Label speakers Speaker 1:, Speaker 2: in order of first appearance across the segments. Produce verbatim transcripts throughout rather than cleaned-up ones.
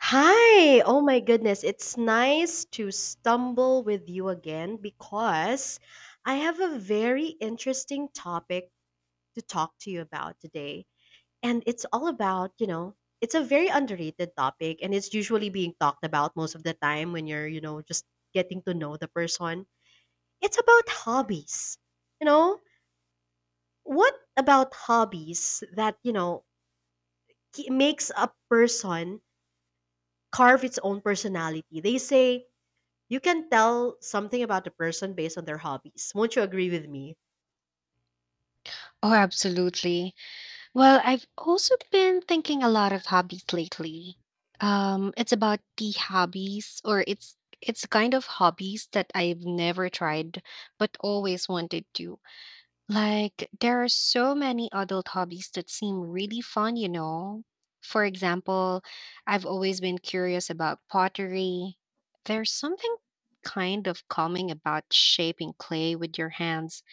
Speaker 1: Hi! Oh my goodness, it's nice to stumble with you again because I have a very interesting topic to talk to you about today. And it's all about, you know, it's a very underrated topic and it's usually being talked about most of the time when you're, you know, just getting to know the person. It's about hobbies. You know, what about hobbies that, you know, ki- makes a person carve its own personality? They say, you can tell something about a person based on their hobbies. Won't you agree with me?
Speaker 2: Oh, absolutely. Well, I've also been thinking a lot of hobbies lately. Um, it's about the hobbies, or it's it's the kind of hobbies that I've never tried but always wanted to. Like there are so many adult hobbies that seem really fun, you know. For example, I've always been curious about pottery. There's something kind of calming about shaping clay with your hands.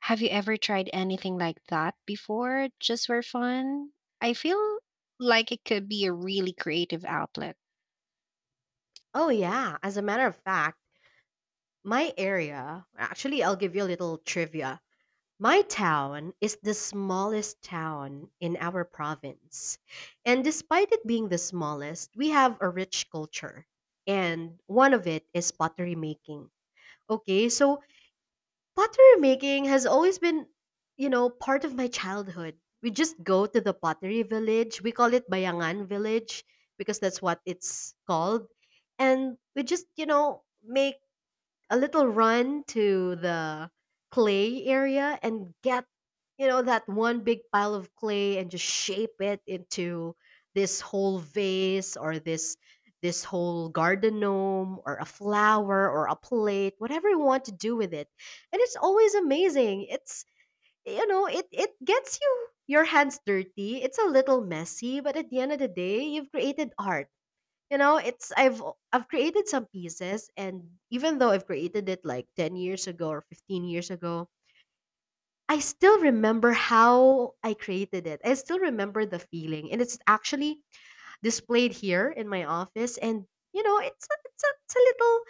Speaker 2: Have you ever tried anything like that before, just for fun? I feel like it could be a really creative outlet.
Speaker 1: Oh, yeah. As a matter of fact, my area, actually, I'll give you a little trivia. My town is the smallest town in our province. And despite it being the smallest, we have a rich culture. And one of it is pottery making. Okay, so pottery making has always been, you know, part of my childhood. We just go to the pottery village. We call it Bayangan Village because that's what it's called. And we just, you know, make a little run to the clay area and get, you know, that one big pile of clay and just shape it into this whole vase or this this whole garden gnome or a flower or a plate, whatever you want to do with it. And it's always amazing. It's, you know, it it gets you, your hands dirty, it's a little messy, but at the end of the day, you've created art. You know, it's i've i've created some pieces, and even though I've created it like ten years ago or fifteen years ago, I still remember how I created it. I still remember the feeling, and it's actually displayed here in my office. And you know, it's a, it's a, it's a little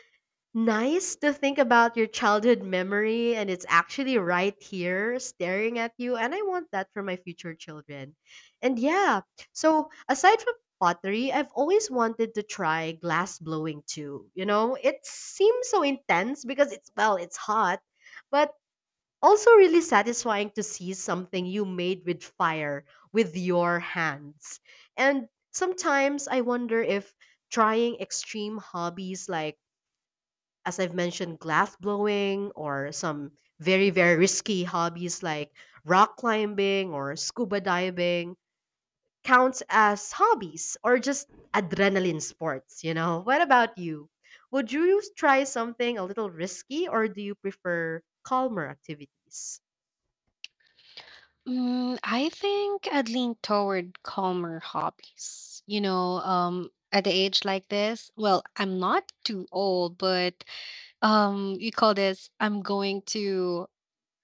Speaker 1: nice to think about your childhood memory, and it's actually right here staring at you. And I want that for my future children. And yeah, so aside from pottery, I've always wanted to try glass blowing too. You know, it seems so intense because it's, well, it's hot, but also really satisfying to see something you made with fire with your hands. And sometimes I wonder if trying extreme hobbies like, as I've mentioned, glass blowing or some very, very risky hobbies like rock climbing or scuba diving counts as hobbies or just adrenaline sports, you know? What about you? Would you try something a little risky or do you prefer calmer activities?
Speaker 2: Mm, I think I'd lean toward calmer hobbies. You know, um, at the age like this, well, I'm not too old, but um, you call this, I'm going to,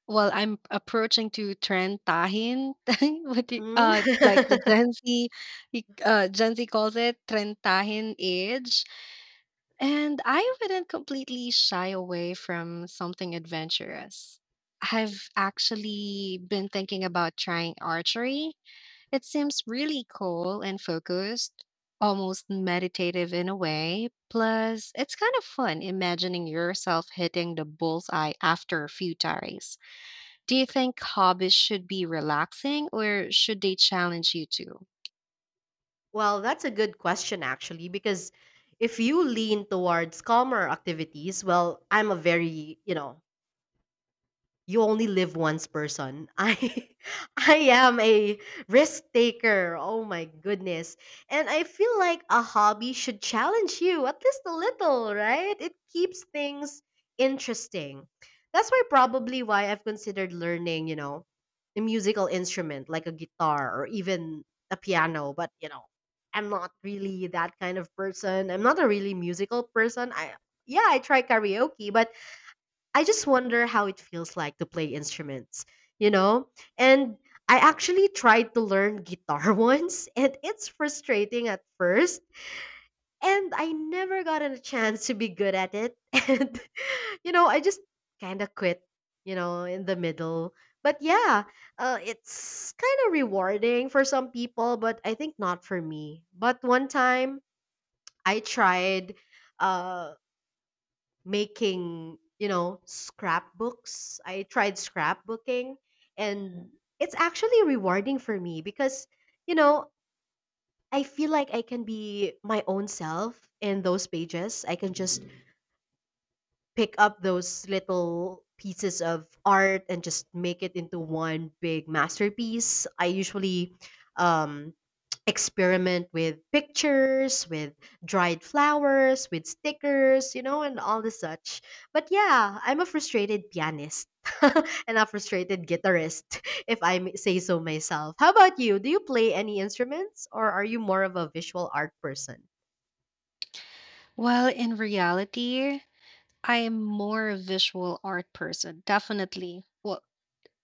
Speaker 2: well, I'm approaching to trentahin, what do you-
Speaker 1: Mm.
Speaker 2: uh, like the Gen Z, uh, Gen Z calls it trentahin age. And I wouldn't completely shy away from something adventurous. I've actually been thinking about trying archery. It seems really cool and focused, almost meditative in a way. Plus, it's kind of fun imagining yourself hitting the bullseye after a few tarries. Do you think hobbies should be relaxing or should they challenge you too?
Speaker 1: Well, that's a good question, actually, because if you lean towards calmer activities, well, I'm a very, you know, you only live once person. I I am a risk taker. Oh my goodness. And I feel like a hobby should challenge you at least a little, right? It keeps things interesting. That's why probably why I've considered learning, you know, a musical instrument like a guitar or even a piano, but you know, I'm not really that kind of person. I'm not a really musical person. I, yeah, I try karaoke, but I just wonder how it feels like to play instruments, you know? And I actually tried to learn guitar once, and it's frustrating at first. And I never gotten a chance to be good at it. And, you know, I just kind of quit, you know, in the middle. But yeah, uh, it's kind of rewarding for some people, but I think not for me. But one time I tried. Uh, Making, you know, scrapbooks. I tried scrapbooking, and it's actually rewarding for me because, you know, I feel like I can be my own self in those pages. I can just pick up those little pieces of art and just make it into one big masterpiece. I usually, um, experiment with pictures, with dried flowers, with stickers, you know, and all the such. But yeah, I'm a frustrated pianist and a frustrated guitarist, if I may say so myself. How about you? Do you play any instruments or are you more of a visual art person?
Speaker 2: Well, in reality, I am more a visual art person, definitely. Well,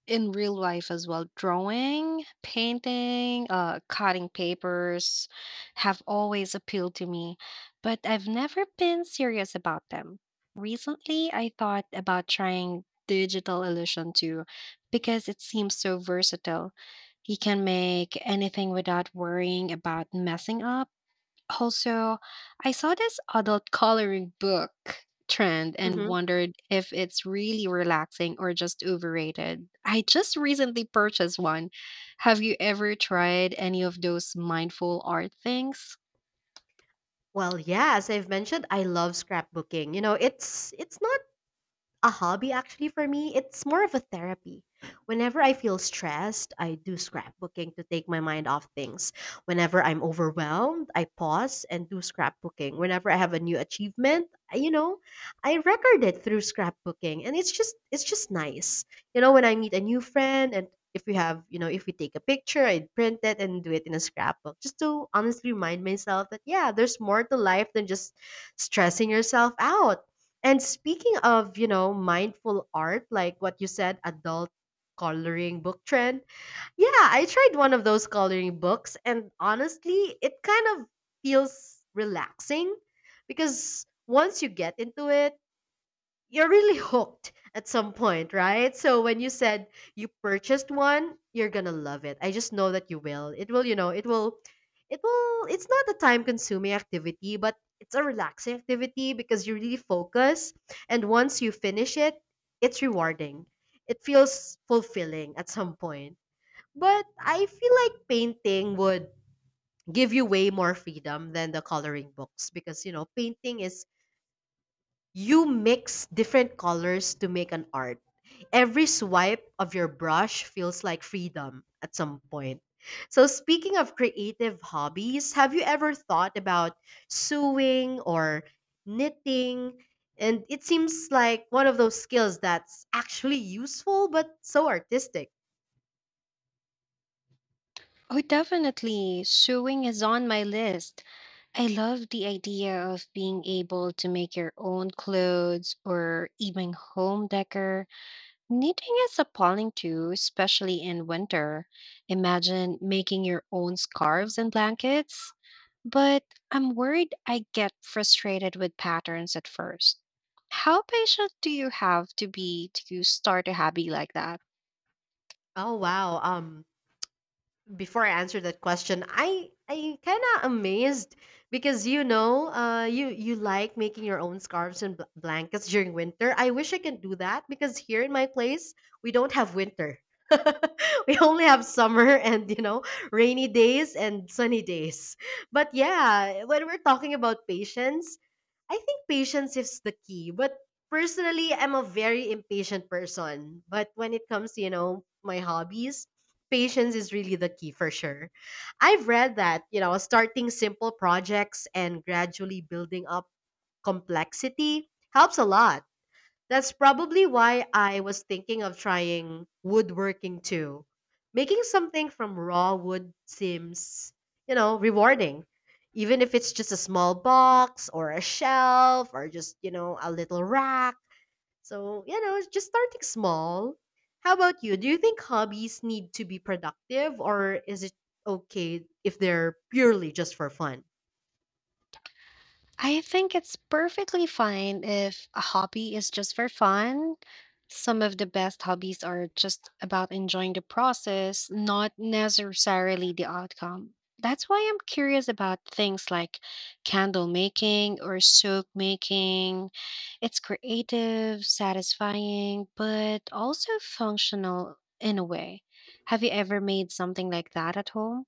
Speaker 2: in real life as well, drawing, painting, uh, cutting papers have always appealed to me, but I've never been serious about them. Recently, I thought about trying digital illusion too, because it seems so versatile. You can make anything without worrying about messing up. Also, I saw this adult coloring book trend and
Speaker 1: Mhm.
Speaker 2: wondered if it's really relaxing or just overrated. I just recently purchased one. Have you ever tried any of those mindful art things?
Speaker 1: Well, yeah, as I've mentioned, I love scrapbooking. You know, it's it's not a hobby, actually, for me, it's more of a therapy. Whenever I feel stressed, I do scrapbooking to take my mind off things. Whenever I'm overwhelmed, I pause and do scrapbooking. Whenever I have a new achievement, I- you know, I record it through scrapbooking, and it's just it's just nice. You know, when I meet a new friend, and if we have, you know, if we take a picture, I print it and do it in a scrapbook, just to honestly remind myself that yeah, there's more to life than just stressing yourself out. And speaking of, you know, mindful art, like what you said, adult coloring book trend. Yeah, I tried one of those coloring books, and honestly, it kind of feels relaxing because once you get into it, you're really hooked at some point, right? So when you said you purchased one, you're gonna love it. I just know that you will. It will, you know, it will, it will. It's not a time-consuming activity, but it's a relaxing activity because you really focus. And once you finish it, it's rewarding. It feels fulfilling at some point. But I feel like painting would give you way more freedom than the coloring books, because you know painting is, you mix different colors to make an art. Every swipe of your brush feels like freedom at some point. So, speaking of creative hobbies, have you ever thought about sewing or knitting? And it seems like one of those skills that's actually useful but so artistic.
Speaker 2: Oh, definitely. Sewing is on my list. I love the idea of being able to make your own clothes or even home decor. Knitting is appalling too, especially in winter. Imagine making your own scarves and blankets. But I'm worried I get frustrated with patterns at first. How patient do you have to be to start a hobby like that?
Speaker 1: Oh wow. Um before I answer that question, I I kind of amazed because you know, uh, you you like making your own scarves and bl- blankets during winter. I wish I can do that because here in my place we don't have winter. We only have summer and you know rainy days and sunny days. But yeah, when we're talking about patience, I think patience is the key. But personally, I'm a very impatient person. But when it comes to, you know, my hobbies, patience is really the key for sure. I've read that, you know, starting simple projects and gradually building up complexity helps a lot. That's probably why I was thinking of trying woodworking too. Making something from raw wood seems, you know, rewarding. Even if it's just a small box or a shelf or just, you know, a little rack. So, you know, just starting small. How about you? Do you think hobbies need to be productive or is it okay if they're purely just for fun?
Speaker 2: I think it's perfectly fine if a hobby is just for fun. Some of the best hobbies are just about enjoying the process, not necessarily the outcome. That's why I'm curious about things like candle making or soap making. It's creative, satisfying, but also functional in a way. Have you ever made something like that at home?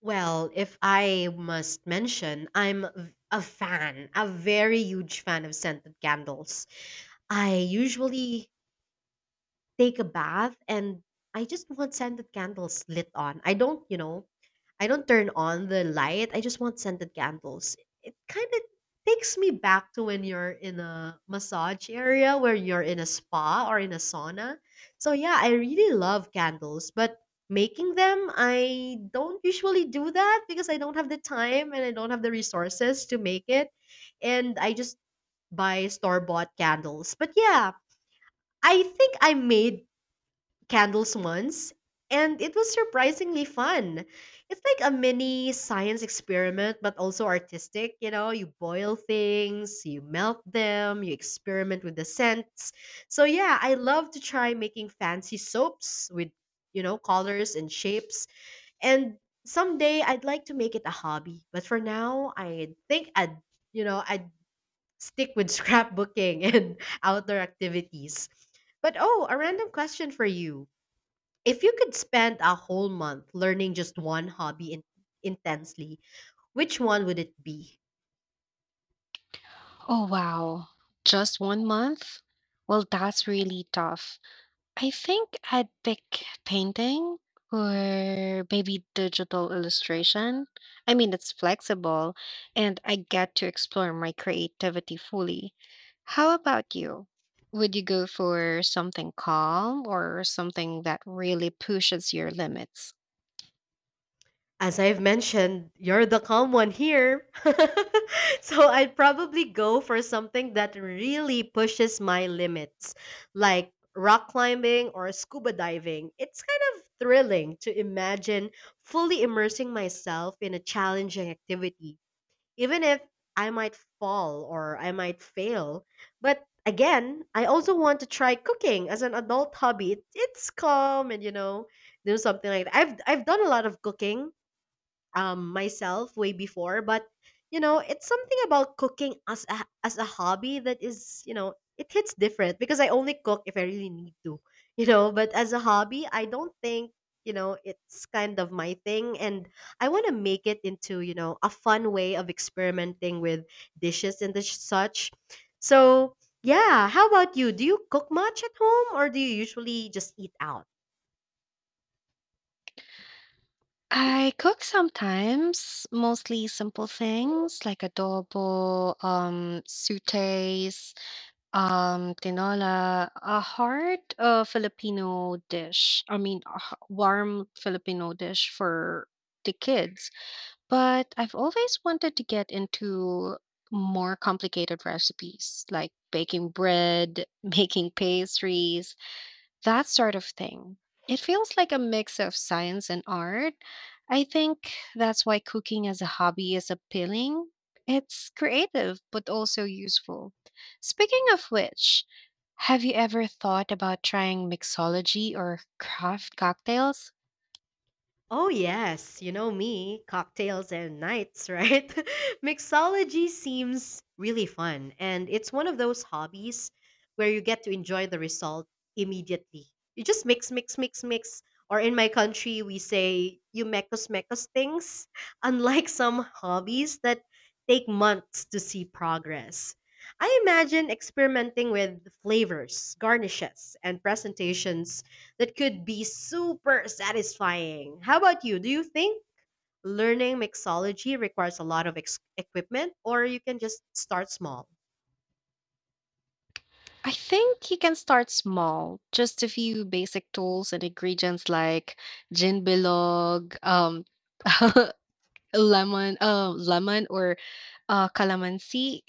Speaker 1: Well, if I must mention, I'm v- a fan, a very huge fan of scented candles. I usually take a bath, and I just want scented candles lit on. I don't, you know, I don't turn on the light. I just want scented candles. It kind of takes me back to when you're in a massage area where you're in a spa or in a sauna. So yeah, I really love candles, but making them, I don't usually do that because I don't have the time and I don't have the resources to make it. And I just buy store-bought candles. But yeah, I think I made candles once, and it was surprisingly fun. It's like a mini science experiment, but also artistic. You know, you boil things, you melt them, you experiment with the scents. So, yeah, I love to try making fancy soaps with, you know, colors and shapes. And someday I'd like to make it a hobby. But for now, I think I'd, you know, I'd stick with scrapbooking and outdoor activities. But oh, a random question for you. If you could spend a whole month learning just one hobby in- intensely, which one would it be?
Speaker 2: Oh, wow. Just one month? Well, that's really tough. I think I'd pick painting or maybe digital illustration. I mean, it's flexible and I get to explore my creativity fully. How about you? Would you go for something calm or something that really pushes your limits?
Speaker 1: As I've mentioned, you're the calm one here. So I'd probably go for something that really pushes my limits, like rock climbing or scuba diving. It's kind of thrilling to imagine fully immersing myself in a challenging activity, even if I might fall or I might fail. But again, I also want to try cooking as an adult hobby. It- It's calm and you know, do something like that. I've I've done a lot of cooking um myself way before, but you know it's something about cooking as a, as a hobby that is, you know, it hits different because I only cook if I really need to. You know, but as a hobby I don't think, you know, it's kind of my thing. And I want to make it into, you know, a fun way of experimenting with dishes and the sh- such. So yeah, how about you? Do you cook much at home or do you usually just eat out?
Speaker 2: I cook sometimes, mostly simple things like adobo, um, sutes, um, tinola, a hard uh, Filipino dish. I mean, a h- warm Filipino dish for the kids. But I've always wanted to get into more complicated recipes like baking bread, making pastries, that sort of thing. It feels like a mix of science and art. I think that's why cooking as a hobby is appealing. It's creative, but also useful. Speaking of which, have you ever thought about trying mixology or craft cocktails?
Speaker 1: Oh, yes, you know me, cocktails and nights, right? Mixology seems really fun, and it's one of those hobbies where you get to enjoy the result immediately. You just mix, mix, mix, mix. Or in my country, we say you mekos mekos things, unlike some hobbies that take months to see progress. I imagine experimenting with flavors, garnishes, and presentations that could be super satisfying. How about you? Do you think learning mixology requires a lot of ex- equipment, or you can just start small?
Speaker 2: I think you can start small, just a few basic tools and ingredients like gin bilog, um, lemon, uh, lemon or uh, calamansi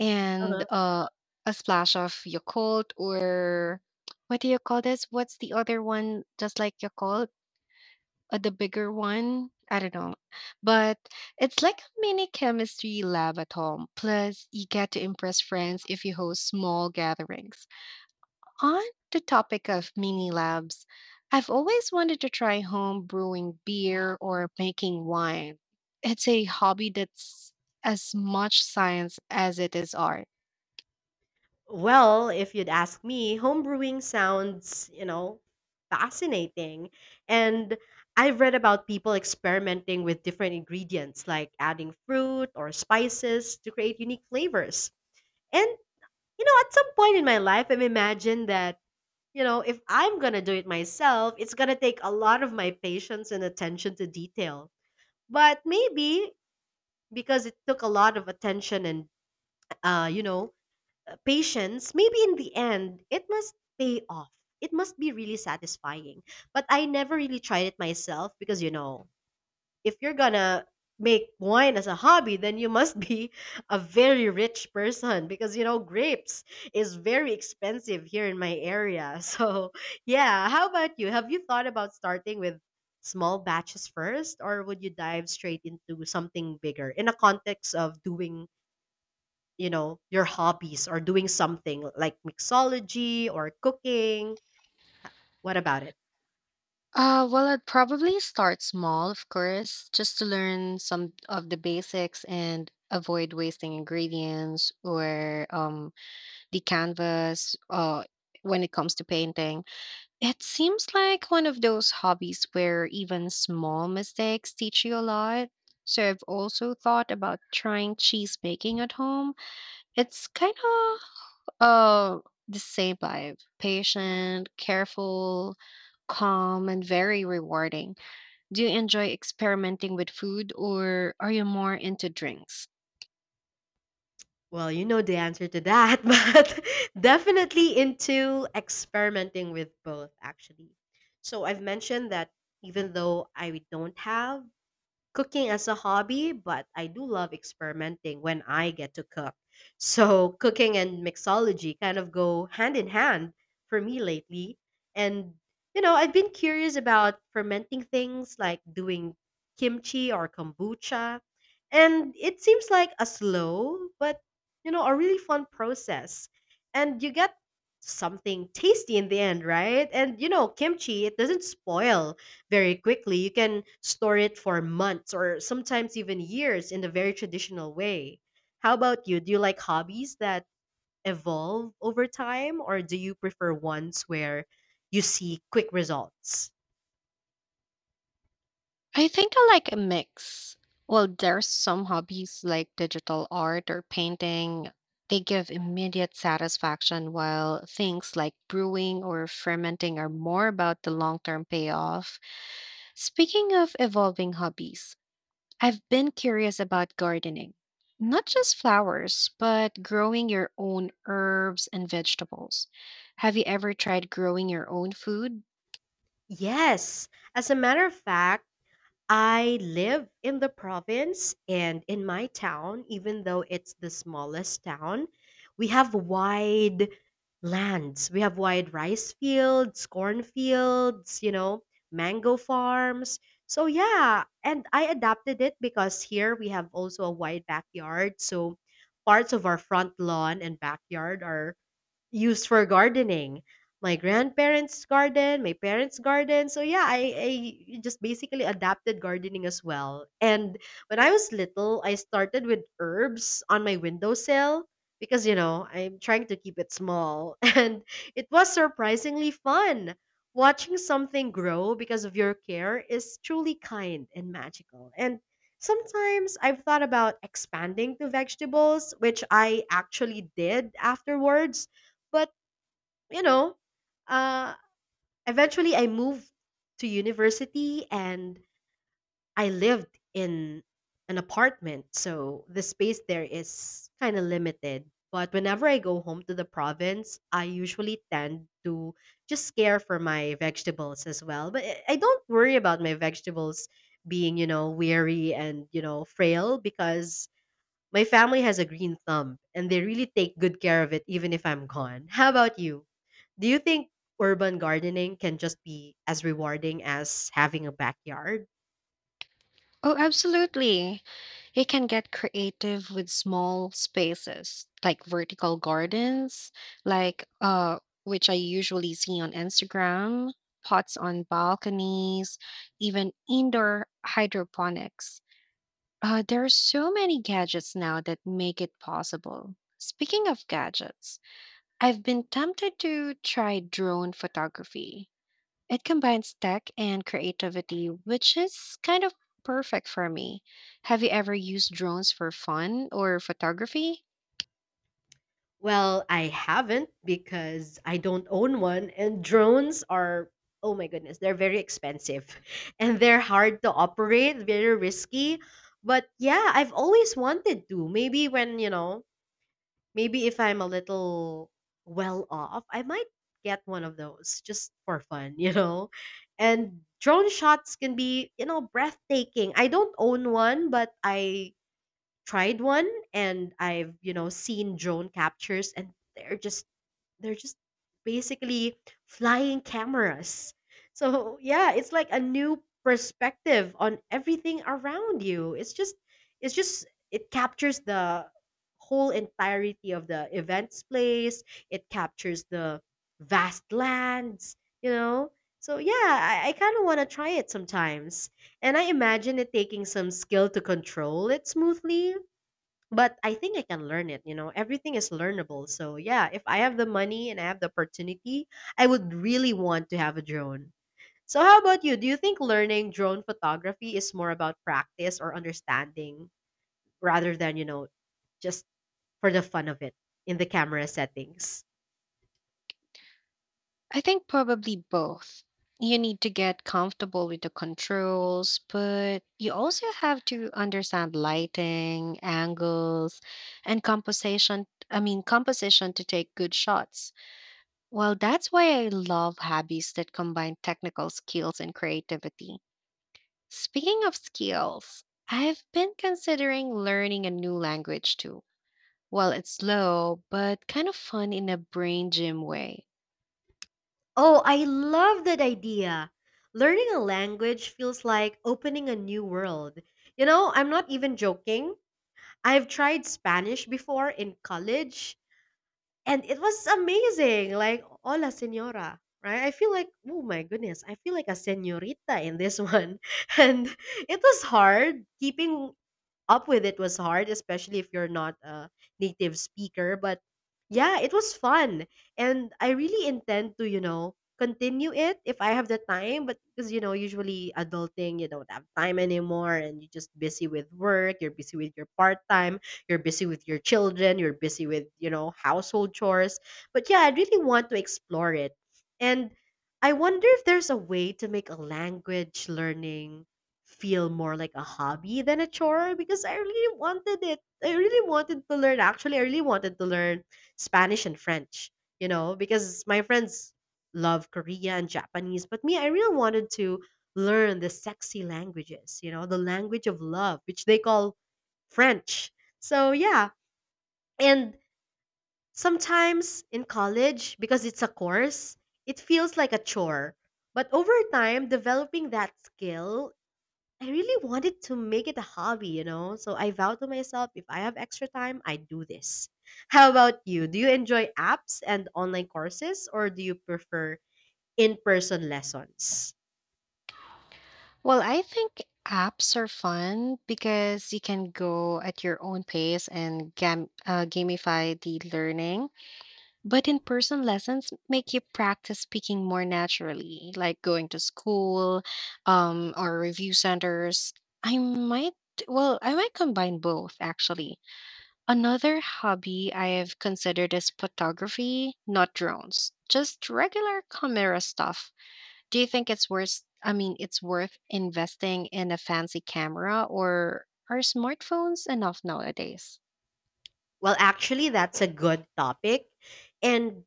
Speaker 2: and
Speaker 1: Uh-huh.
Speaker 2: uh, a splash of Yakult or what do you call this? What's the other one just like Yakult? Uh, the bigger one? I don't know. But it's like a mini chemistry lab at home. Plus, you get to impress friends if you host small gatherings. On the topic of mini labs, I've always wanted to try home brewing beer or making wine. It's a hobby that's as much science as it is art.
Speaker 1: Well, if you'd ask me, homebrewing sounds, you know, fascinating. And I've read about people experimenting with different ingredients, like adding fruit or spices to create unique flavors. And, you know, at some point in my life, I've imagined that. You know, if I'm going to do it myself, it's going to take a lot of my patience and attention to detail. But maybe because it took a lot of attention and, uh, you know, uh, patience, maybe in the end, it must pay off. It must be really satisfying. But I never really tried it myself because, you know, if you're gonna make wine as a hobby, then you must be a very rich person because you know grapes is very expensive here in my area. So yeah, how about you? Have you thought about starting with small batches first, or would you dive straight into something bigger in a context of doing you know your hobbies, or doing something like mixology or cooking? What about it?
Speaker 2: Uh, well, I'd probably start small, of course, just to learn some of the basics and avoid wasting ingredients or um, the canvas uh, when it comes to painting. It seems like one of those hobbies where even small mistakes teach you a lot. So I've also thought about trying cheese making at home. It's kind of uh the same vibe. Patient, careful, calm, and very rewarding. Do you enjoy experimenting with food or are you more into drinks?
Speaker 1: Well, you know the answer to that, but definitely into experimenting with both, actually. So I've mentioned that even though I don't have cooking as a hobby, but I do love experimenting when I get to cook. So, cooking and mixology kind of go hand in hand for me lately. And, you know, I've been curious about fermenting things like doing kimchi or kombucha. And it seems like a slow, but, you know, a really fun process. And you get something tasty in the end, right? And, you know, kimchi, it doesn't spoil very quickly. You can store it for months or sometimes even years in a very traditional way. How about you? Do you like hobbies that evolve over time, or do you prefer ones where you see quick results?
Speaker 2: I think I like a mix. Well, there's some hobbies like digital art or painting. They give immediate satisfaction, while things like brewing or fermenting are more about the long term payoff. Speaking of evolving hobbies, I've been curious about gardening. Not just flowers, but growing your own herbs and vegetables. Have you ever tried growing your own food?
Speaker 1: Yes. As a matter of fact, I live in the province, and in my town, even though it's the smallest town, we have wide lands. We have wide rice fields, corn fields, you know, mango farms. So yeah, and I adapted it because here we have also a wide backyard. So parts of our front lawn and backyard are used for gardening. My grandparents' garden, my parents' garden. So yeah, I, I just basically adapted gardening as well. And when I was little, I started with herbs on my windowsill because you know I'm trying to keep it small. And it was surprisingly fun. Watching something grow because of your care is truly kind and magical. And sometimes I've thought about expanding to vegetables, which I actually did afterwards, but, you know, uh, eventually I moved to university and I lived in an apartment. So the space there is kind of limited. But whenever I go home to the province, I usually tend to just care for my vegetables as well. But I I don't worry about my vegetables being, you know, weary, and, you know, frail, because my family has a green thumb and they really take good care of it even if I'm gone. How about you? Do you think urban gardening can just be as rewarding as having a backyard?
Speaker 2: Oh, absolutely. You can get creative with small spaces like vertical gardens, like uh which I usually see on Instagram, pots on balconies, even indoor hydroponics. Uh, there are so many gadgets now that make it possible. Speaking of gadgets, I've been tempted to try drone photography. It combines tech and creativity, which is kind of perfect for me. Have you ever used drones for fun or photography?
Speaker 1: Well, I haven't, because I don't own one, and drones are, oh my goodness, they're very expensive, and they're hard to operate, very risky. But yeah, I've always wanted to. Maybe when, you know, Maybe if I'm a little well off, I might get one of those just for fun, you know? And drone shots can be, you know, breathtaking. I don't own one, but I tried one and I've, you know, seen drone captures, and they're just they're just basically flying cameras. So yeah, it's like a new perspective on everything around you. It's just it's just it captures the whole entirety of the events place. It captures the vast lands, you know? So yeah, I, I kind of want to try it sometimes. And I imagine it taking some skill to control it smoothly. But I think I can learn it, you know. Everything is learnable. So yeah, if I have the money and I have the opportunity, I would really want to have a drone. So how about you? Do you think learning drone photography is more about practice or understanding, rather than, you know, just for the fun of it, in the camera settings?
Speaker 2: I think probably both. You need to get comfortable with the controls, but you also have to understand lighting, angles, and composition. I mean, composition to take good shots. Well, that's why I love hobbies that combine technical skills and creativity. Speaking of skills, I've been considering learning a new language too. Well, it's slow, but kind of fun in a brain gym way.
Speaker 1: Oh, I love that idea. Learning a language feels like opening a new world. You know, I'm not even joking. I've tried Spanish before in college. And it was amazing, like, "Hola, señora," right? I feel like, oh my goodness, I feel like a señorita in this one. And it was hard keeping up with it was hard, especially if you're not a native speaker. But yeah, it was fun. And I really intend to, you know, continue it if I have the time. But because, you know, usually adulting, you don't have time anymore, and you're just busy with work, you're busy with your part time, you're busy with your children, you're busy with, you know, household chores. But yeah, I really want to explore it. And I wonder if there's a way to make a language learning feel more like a hobby than a chore, because I really wanted it. I really wanted to learn. Actually, I really wanted to learn Spanish and French, you know, because my friends love Korea and Japanese. But me, I really wanted to learn the sexy languages, you know, the language of love, which they call French. So, yeah. And sometimes in college, because it's a course, it feels like a chore. But over time, developing that skill, I really wanted to make it a hobby, you know? So I vowed to myself, if I have extra time, I do this. How about you? Do you enjoy apps and online courses, or do you prefer in person lessons?
Speaker 2: Well, I think apps are fun because you can go at your own pace and gam- uh, gamify the learning. But in person lessons make you practice speaking more naturally, like going to school um, or review centers. I might, well, I might combine both actually. Another hobby I have considered is photography, not drones, just regular camera stuff. Do you think it's worth, I mean, it's worth investing in a fancy camera or are smartphones enough nowadays?
Speaker 1: Well, actually, that's a good topic. And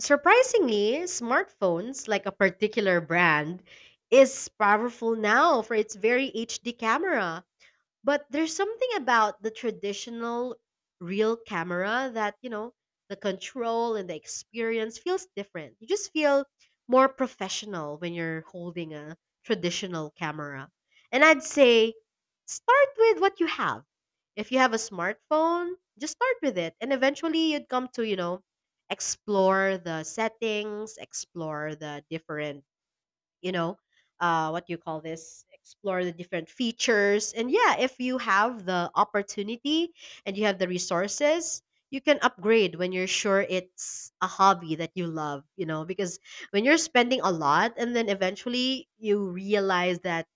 Speaker 1: surprisingly, smartphones, like a particular brand, is powerful now for its very H D camera. But there's something about the traditional real camera that, you know, the control and the experience feels different. You just feel more professional when you're holding a traditional camera. And I'd say, start with what you have. If you have a smartphone, just start with it. And eventually you'd come to, you know, explore the settings, explore the different, you know uh, what you call this, explore the different features, and yeah, if you have the opportunity and you have the resources, you can upgrade when you're sure it's a hobby that you love, you know because when you're spending a lot and then eventually you realize that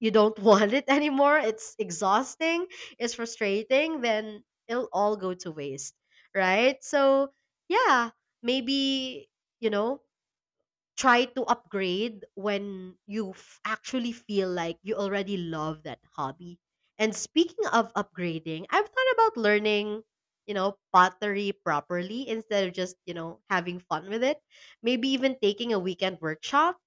Speaker 1: you don't want it anymore, it's exhausting, it's frustrating, then it'll all go to waste, right? So yeah, maybe, you know try to upgrade when you f- actually feel like you already love that hobby. And speaking of upgrading, I've thought about learning, you know, pottery properly, instead of just, you know, having fun with it. Maybe even taking a weekend workshop.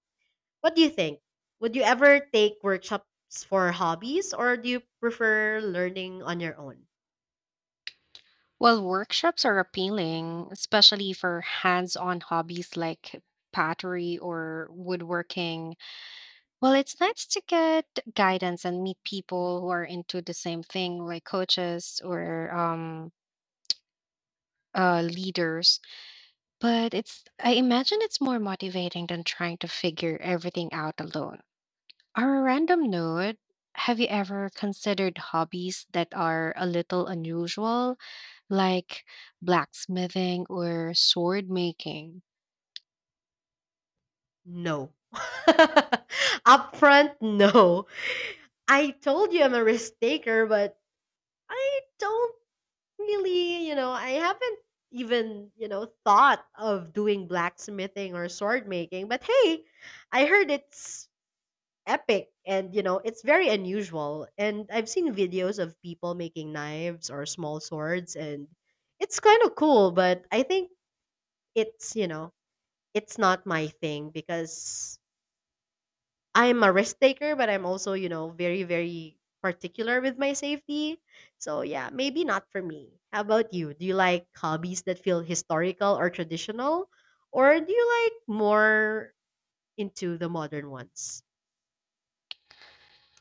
Speaker 1: What do you think? Would you ever take workshops for hobbies, or do you prefer learning on your own?
Speaker 2: Well, workshops are appealing, especially for hands on hobbies like pottery or woodworking. Well, it's nice to get guidance and meet people who are into the same thing, like coaches or um, uh, leaders. But it's I imagine it's more motivating than trying to figure everything out alone. Our random note, have you ever considered hobbies that are a little unusual, like blacksmithing or sword making?
Speaker 1: No. Upfront, no. I told you I'm a risk taker, but I don't. Really, you know, I haven't even, you know, thought of doing blacksmithing or sword making, but hey, I heard it's epic, and, you know, it's very unusual. And I've seen videos of people making knives or small swords, and it's kind of cool, but I think it's, you know, it's not my thing, because I'm a risk taker, but I'm also, you know, very, very particular with my safety. So yeah, maybe not for me. How about you? Do you like hobbies that feel historical or traditional? Or do you like more into the modern ones?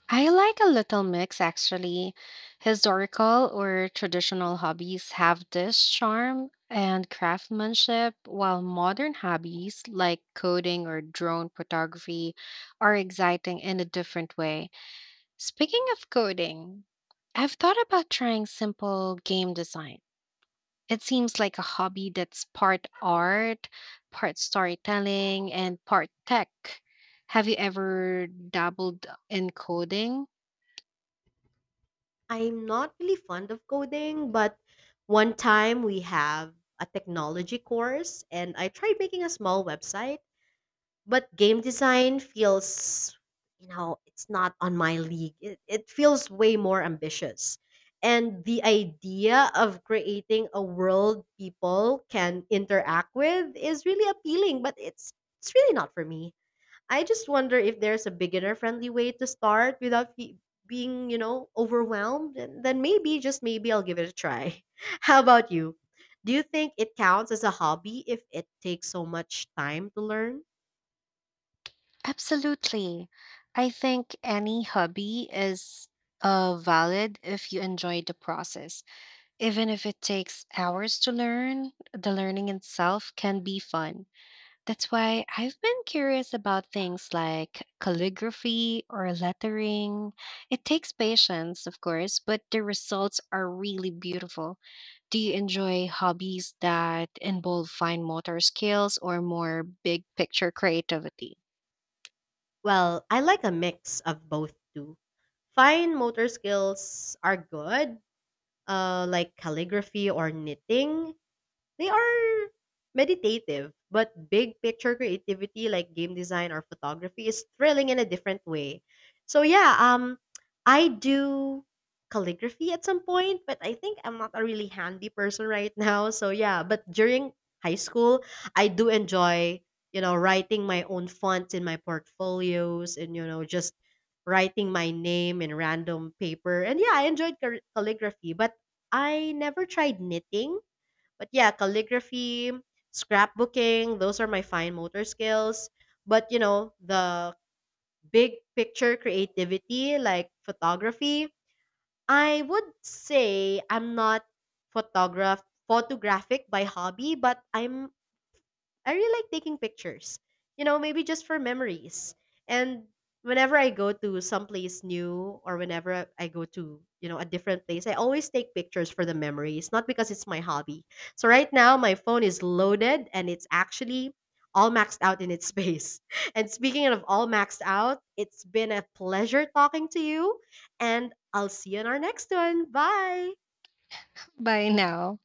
Speaker 2: I like a little mix actually. Historical or traditional hobbies have this charm and craftsmanship, while modern hobbies like coding or drone photography are exciting in a different way. Speaking of coding, I've thought about trying simple game design. It seems like a hobby that's part art, part storytelling, and part tech. Have you ever dabbled in coding?
Speaker 1: I'm not really fond of coding, but one time we have a technology course and I tried making a small website, but game design feels, you know it's not on my league. It, it feels way more ambitious, and the idea of creating a world people can interact with is really appealing, but it's it's really not for me. I just wonder if there's a beginner friendly way to start without fe- being, you know overwhelmed, and then maybe, just maybe, I'll give it a try. How about you? Do you think it counts as a hobby if it takes so much time to learn?
Speaker 2: Absolutely. I think any hobby is uh, valid if you enjoy the process. Even if it takes hours to learn, the learning itself can be fun. That's why I've been curious about things like calligraphy or lettering. It takes patience, of course, but the results are really beautiful. Do you enjoy hobbies that involve fine motor skills or more big picture creativity?
Speaker 1: Well, I like a mix of both too. Fine motor skills are good, uh, like calligraphy or knitting, they are meditative, but big picture creativity like game design or photography is thrilling in a different way. So yeah, um I do calligraphy at some point, but I think I'm not a really handy person right now. So yeah, but during high school, I do enjoy, you know, writing my own fonts in my portfolios, and, you know, just writing my name in random paper. And yeah, I enjoyed cal- calligraphy, but I never tried knitting, but yeah, calligraphy, scrapbooking, those are my fine motor skills. But you know, the big picture creativity, like photography, I would say I'm not photograph photographic by hobby, but I'm I really like taking pictures. You know, maybe just for memories. And whenever I go to someplace new, or whenever I I go to, you know, a different place, I always take pictures for the memories, not because it's my hobby. So right now my phone is loaded and it's actually all maxed out in its space. And speaking of all maxed out, it's been a pleasure talking to you and I'll see you in our next one. Bye.
Speaker 2: Bye now.